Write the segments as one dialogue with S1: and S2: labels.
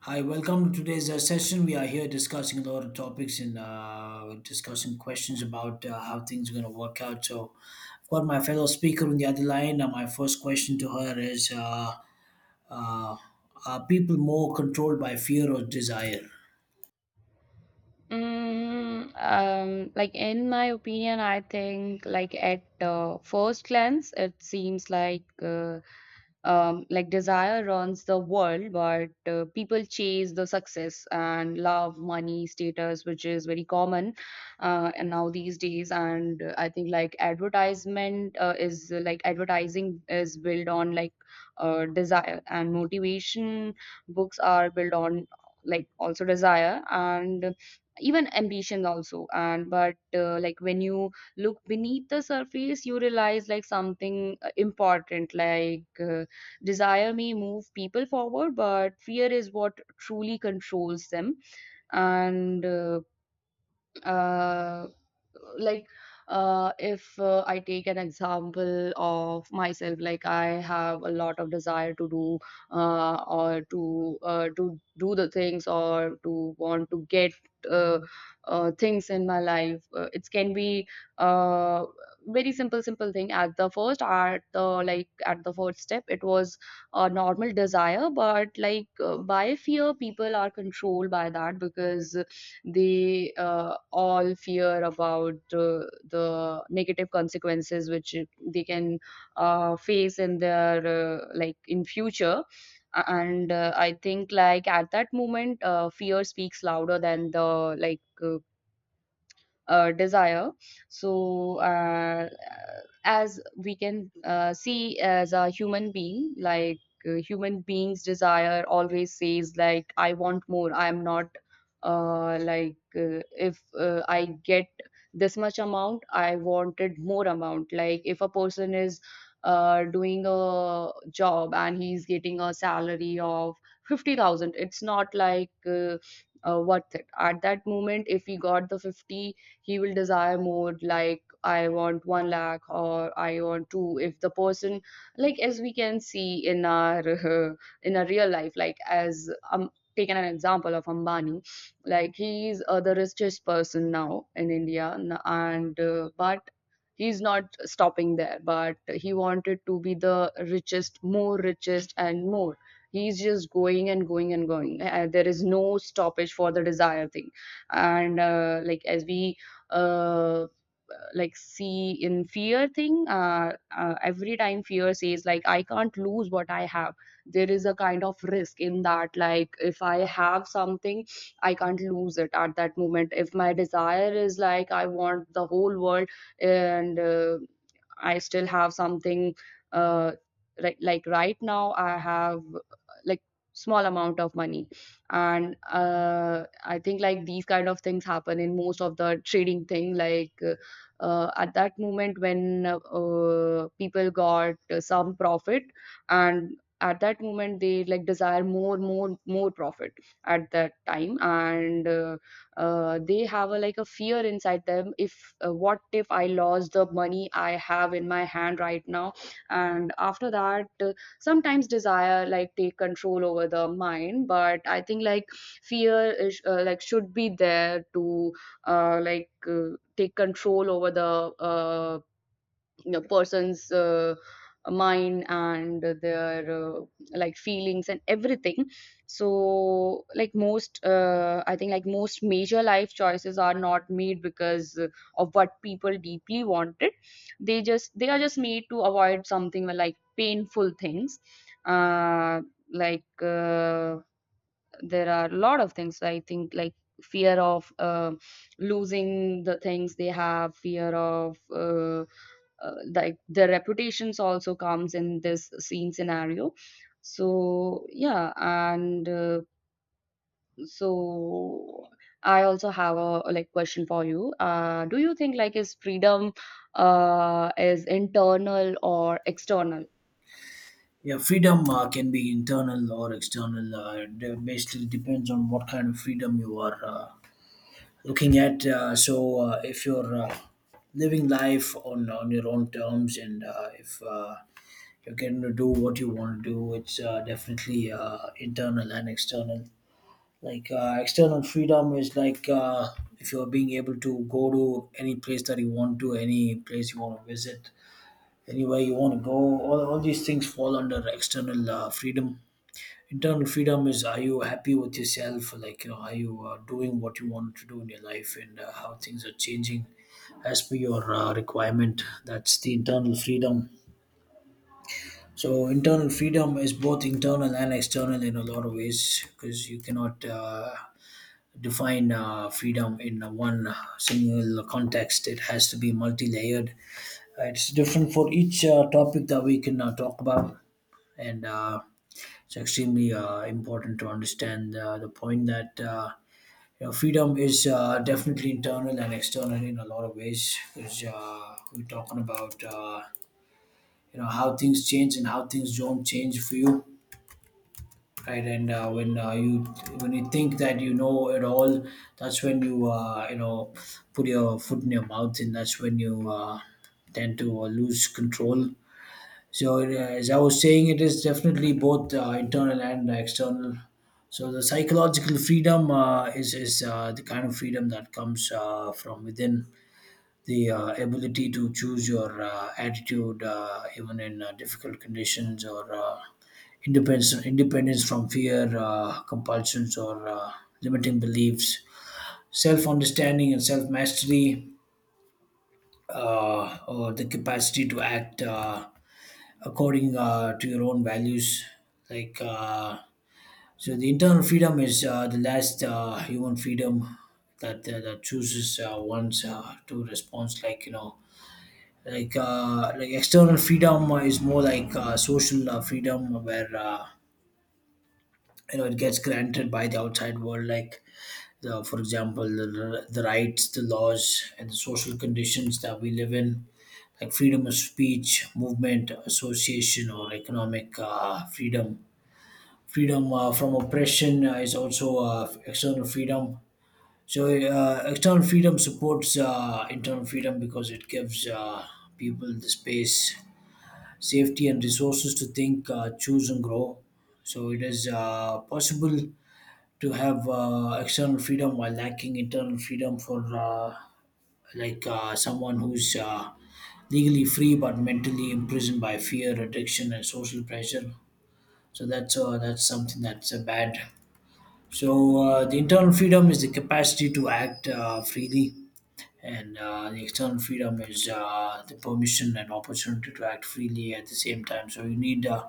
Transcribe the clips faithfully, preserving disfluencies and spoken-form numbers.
S1: Hi, welcome to today's uh, session. We are here discussing a lot of topics and uh, discussing questions about uh, how things are going to work out. So, I've got my fellow speaker on the other line. Uh, my first question to her is uh, uh, are people more controlled by fear or desire?
S2: Mm, um, like in my opinion, I think like at uh, first glance, it seems like uh, um, like desire runs the world, but uh, people chase the success and love, money, status, which is very common uh, and now these days. And uh, I think like advertisement uh, is uh, like advertising is built on like uh, desire and motivation. Books are built on like also desire and even ambition also and but uh, like when you look beneath the surface you realize like something uh, important like uh, desire may move people forward, but fear is what truly controls them. And uh, uh, like uh, if uh, I take an example of myself, like I have a lot of desire to do uh, or to uh, to do the things or to want to get uh, uh, things in my life. Uh, it can be uh, very simple, simple thing. At the first, at the like at the first step, it was a normal desire, but like uh, by fear, people are controlled by that because they uh, all fear about uh, the negative consequences which they can uh, face in their uh, like in future and uh, I think like at that moment uh, fear speaks louder than the like uh, uh, desire. So, uh, as we can uh, see, as a human being, like uh, human beings' desire always says, like, I want more. I am not uh, like uh, if uh, I get this much amount, I wanted more amount. Like, if a person is uh, doing a job and he's getting a salary of fifty thousand, it's not like uh, uh, worth it. At that moment, if he got the fifty he will desire more like I want one lakh or I want two if the person like as we can see in our in our real life like as um taken an example of Ambani. Like he's uh, the richest person now in India n- and uh, but he's not stopping there but he wanted to be the richest, more richest and more. He's just going and going and going. Uh, there is no stoppage for the desire thing. And uh, like as we uh, like see in fear thing, uh, uh, every time fear says like I can't lose what I have. There is a kind of risk in that. Like if I have something I can't lose it. At that moment if my desire is like I want the whole world and uh, I still have something uh, like like right now I have uh, like small amount of money. And uh, I think like these kind of things happen in most of the trading thing. Like uh, at that moment when uh, people got some profit and at that moment they like desire more more more profit at that time. And uh, uh, they have a like a fear inside them. If uh, what if I lost the money I have in my hand right now. And after that sometimes desire like take control over the mind. But I think like fear is uh, like should be there to uh, like uh, take control over the uh, you know, person's uh, mind and their uh, like feelings and everything. So like most uh, I think like most major life choices are not made because uh, of what people deeply wanted. They just they are just made to avoid something like painful things. uh, like uh, there are a lot of things. I think like fear of uh, losing the things they have, fear of uh, uh, like their reputations also comes in this scene scenario. So yeah, and uh, so I also have a like question for you. Uh, do you think like is freedom uh, is internal or external?
S1: Yeah, freedom uh, can be internal or external. Uh, it de- basically depends on what kind of freedom you are uh, looking at. Uh, so, uh, if you're uh, living life on, on your own terms and uh, if uh, you're getting to do what you want to do. It's uh, definitely uh, internal and external. Like uh, external freedom is like uh, if you're being able to go to any place that you want to, any place you want to visit, anywhere you want to go. All, all these things fall under external uh, freedom. Internal freedom is, are you happy with yourself? Like, you know, are you uh, doing what you want to do in your life and uh, how things are changing as per your uh, requirement? That's the internal freedom. So internal freedom is both internal and external in a lot of ways because you cannot uh, define uh, freedom in a one single context. It has to be multi-layered. Uh, it's different for each uh, topic that we can uh, talk about, and uh, it's extremely uh, important to understand uh, the point that. Uh, you know, freedom is uh, definitely internal and external in a lot of ways because uh, we're talking about uh, you know, how things change and how things don't change for you, right? And uh, when uh, you when you think that you know it all, that's when you uh, you know, put your foot in your mouth, and that's when you uh, tend to uh, lose control. So uh, as I was saying, it is definitely both uh, internal and external. So the psychological freedom uh, is is uh, the kind of freedom that comes uh, from within, the uh, ability to choose your uh, attitude uh, even in uh, difficult conditions, or uh, independence independence from fear, uh, compulsions or uh, limiting beliefs, self understanding and self mastery, uh, or the capacity to act uh, according uh, to your own values, like uh, so the internal freedom is uh, the last uh, human freedom that uh, that chooses uh, one's uh, to response, like you know, like uh, like external freedom is more like uh, social uh, freedom where uh, you know it gets granted by the outside world, like the, for example the, the rights, the laws and the social conditions that we live in, like freedom of speech, movement, association, or economic uh, freedom freedom uh, from oppression uh, is also uh, external freedom. So uh, external freedom supports uh, internal freedom because it gives uh, people the space, safety and resources to think, uh, choose, and grow. So it is uh, possible to have uh, external freedom while lacking internal freedom, for uh, like uh, someone who's uh, legally free but mentally imprisoned by fear, addiction, and social pressure. So that's uh, that's something that's uh, bad. So uh, the internal freedom is the capacity to act uh, freely, and uh, the external freedom is uh, the permission and opportunity to act freely at the same time, so you need uh,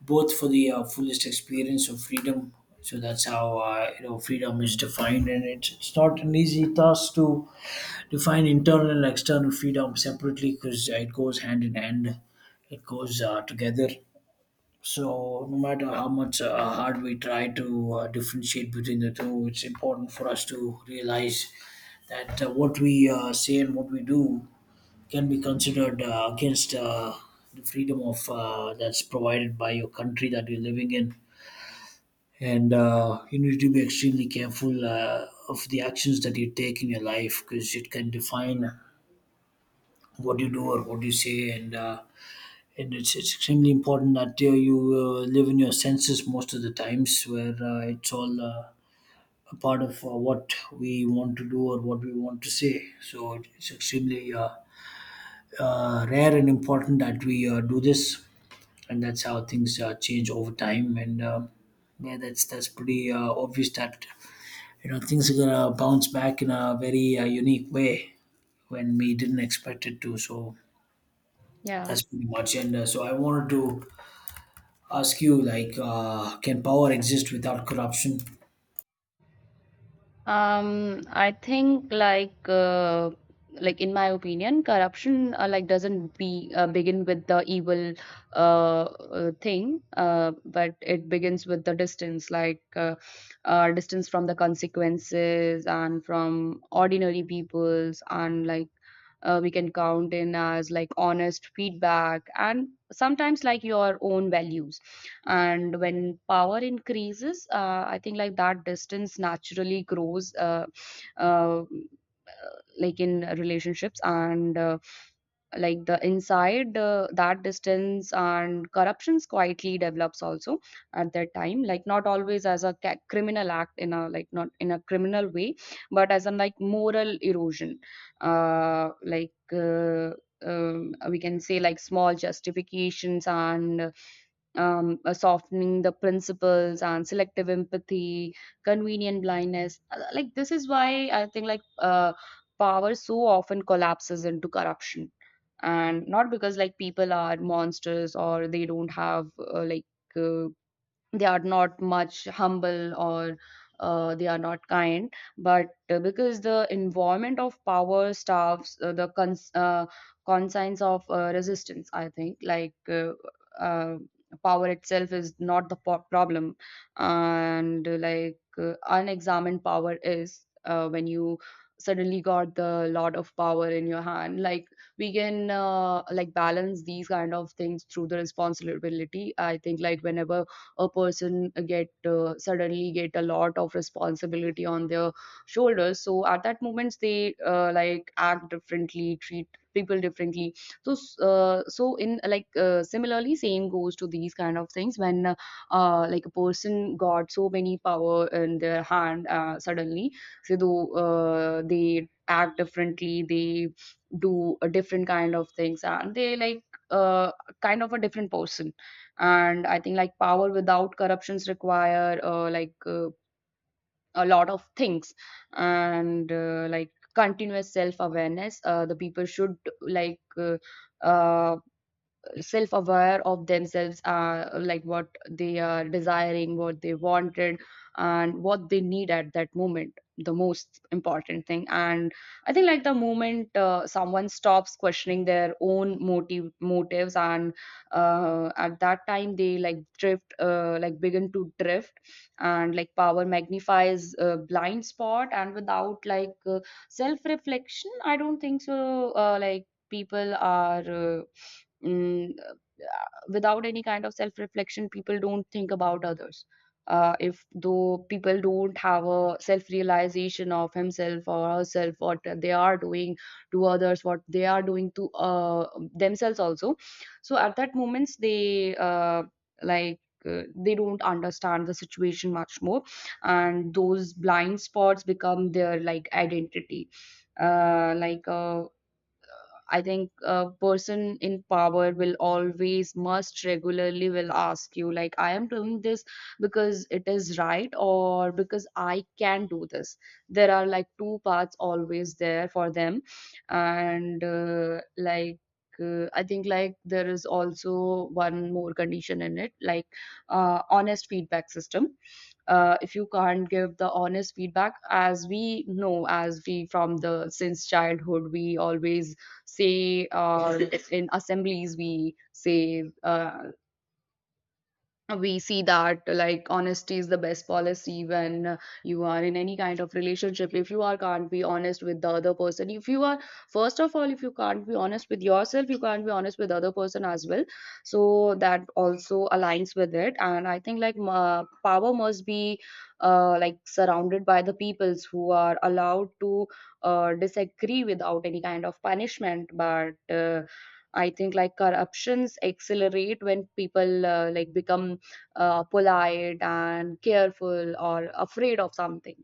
S1: both for the uh, fullest experience of freedom. So that's how uh, you know freedom is defined, and it's, it's not an easy task to define internal and external freedom separately because it goes hand in hand, it goes uh, together. So no matter how much uh, hard we try to uh, differentiate between the two, it's important for us to realize that uh, what we uh, say and what we do can be considered uh, against uh, the freedom of uh, that's provided by your country that you're living in. And uh, you need to be extremely careful uh, of the actions that you take in your life because it can define what you do or what you say. And uh, and it's, it's extremely important that uh, you uh, live in your senses most of the times where uh, it's all uh, a part of uh, what we want to do or what we want to say, so it's extremely uh, uh, rare and important that we uh, do this, and that's how things uh, change over time. And uh, yeah, that's that's pretty uh, obvious that you know things are gonna bounce back in a very uh, unique way when we didn't expect it to. So
S2: Yeah.
S1: that's pretty much. And uh, so I wanted to ask you, like, uh, can power exist without corruption?
S2: Um, I think like uh, like in my opinion, corruption uh, like doesn't be uh, begin with the evil uh, uh, thing, uh, but it begins with the distance, like uh, uh, distance from the consequences and from ordinary peoples, and like uh, we can count in as like honest feedback and sometimes like your own values. And when power increases uh, I think like that distance naturally grows uh, uh, like in relationships and uh, like the inside uh, that distance and corruptions quietly develops also at that time. Like not always as a ca- criminal act, in a like not in a criminal way, but as a like moral erosion. uh like uh, um, we can say like small justifications and um, uh, softening the principles and selective empathy, convenient blindness. Uh, Like this is why I think like uh, power so often collapses into corruption, and not because like people are monsters or they don't have uh, like uh, they are not much humble or uh, they are not kind, but uh, because the environment of power starves uh, the cons- uh, conscience of uh, resistance. I think like uh, uh, power itself is not the po- problem. And uh, like uh, unexamined power is uh, when you suddenly got the lot of power in your hand. Like we can uh, like balance these kind of things through the responsibility. I think like whenever a person get uh, suddenly get a lot of responsibility on their shoulders, so at that moments they uh, like act differently, treat people differently. So uh, so in like uh, similarly same goes to these kind of things when uh, uh, like a person got so many power in their hand uh, suddenly. So tho- uh, they act differently, they do a different kind of things and they like uh, kind of a different person. And I think like power without corruptions require uh, like uh, a lot of things and uh, like continuous self awareness. Uh, the people should like uh, uh, self aware of themselves. Uh, like what they are desiring, what they wanted and what they need at that moment, the most important thing. And I think like the moment uh, someone stops questioning their own motive motives and uh, at that time they like drift uh, like begin to drift. And like power magnifies a blind spot and without like uh, self reflection, I don't think so uh, like people are uh, mm, uh, without any kind of self reflection, people don't think about others. Uh, if though people don't have a self realization of himself or herself, what they are doing to others, what they are doing to uh, themselves also. So at that moments they uh, like uh, they don't understand the situation much more. And those blind spots become their like identity. uh, like uh, I think a person in power will always must regularly will ask you, like, I am doing this because it is right or because I can do this. There are like two paths always there for them. And uh, like uh, I think like there is also one more condition in it, like uh, honest feedback system. Uh, if you can't give the honest feedback, as we know, as we from the since childhood we always say uh, in assemblies we say uh, we see that like honesty is the best policy. When uh, you are in any kind of relationship, if you are can't be honest with the other person, if you are first of all if you can't be honest with yourself, you can't be honest with the other person as well. So that also aligns with it. And I think like ma- power must be uh, like surrounded by the peoples who are allowed to uh, disagree without any kind of punishment. But uh, I think like corruptions accelerate when people uh, like become uh, polite and careful or afraid of something.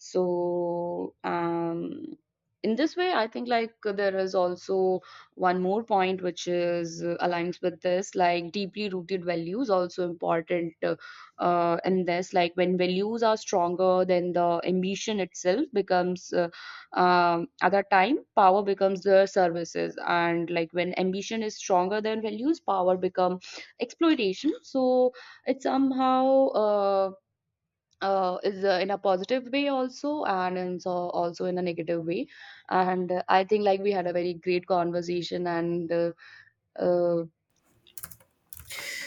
S2: So um in this way I think like there is also one more point which is uh, aligns with this. Like deeply rooted values also important uh, uh, in this. Like when values are stronger than the ambition itself becomes uh, um, other time power becomes the services. And like when ambition is stronger than values, power become exploitation. So it somehow uh, uh, is uh, in a positive way also and in so also in a negative way. And uh, I think like we had a very great conversation. And uh, uh,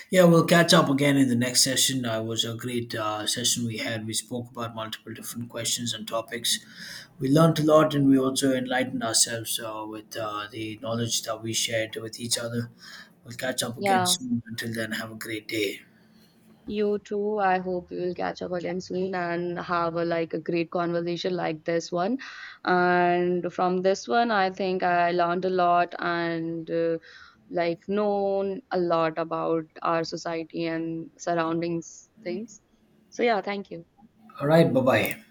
S1: Yeah, we'll catch up again in the next session. Uh, it was a great uh, session we had. We spoke about multiple different questions and topics. We learned a lot, and we also enlightened ourselves uh, with uh, the knowledge that we shared with each other. We'll catch up again
S2: yeah,
S1: soon. Until then, have a great day.
S2: you too. I hope we will catch up again soon and have a like a great conversation like this one. And from this one I think I learned a lot. And uh, like known a lot about our society and surroundings things. So yeah, thank you.
S1: All right, bye bye.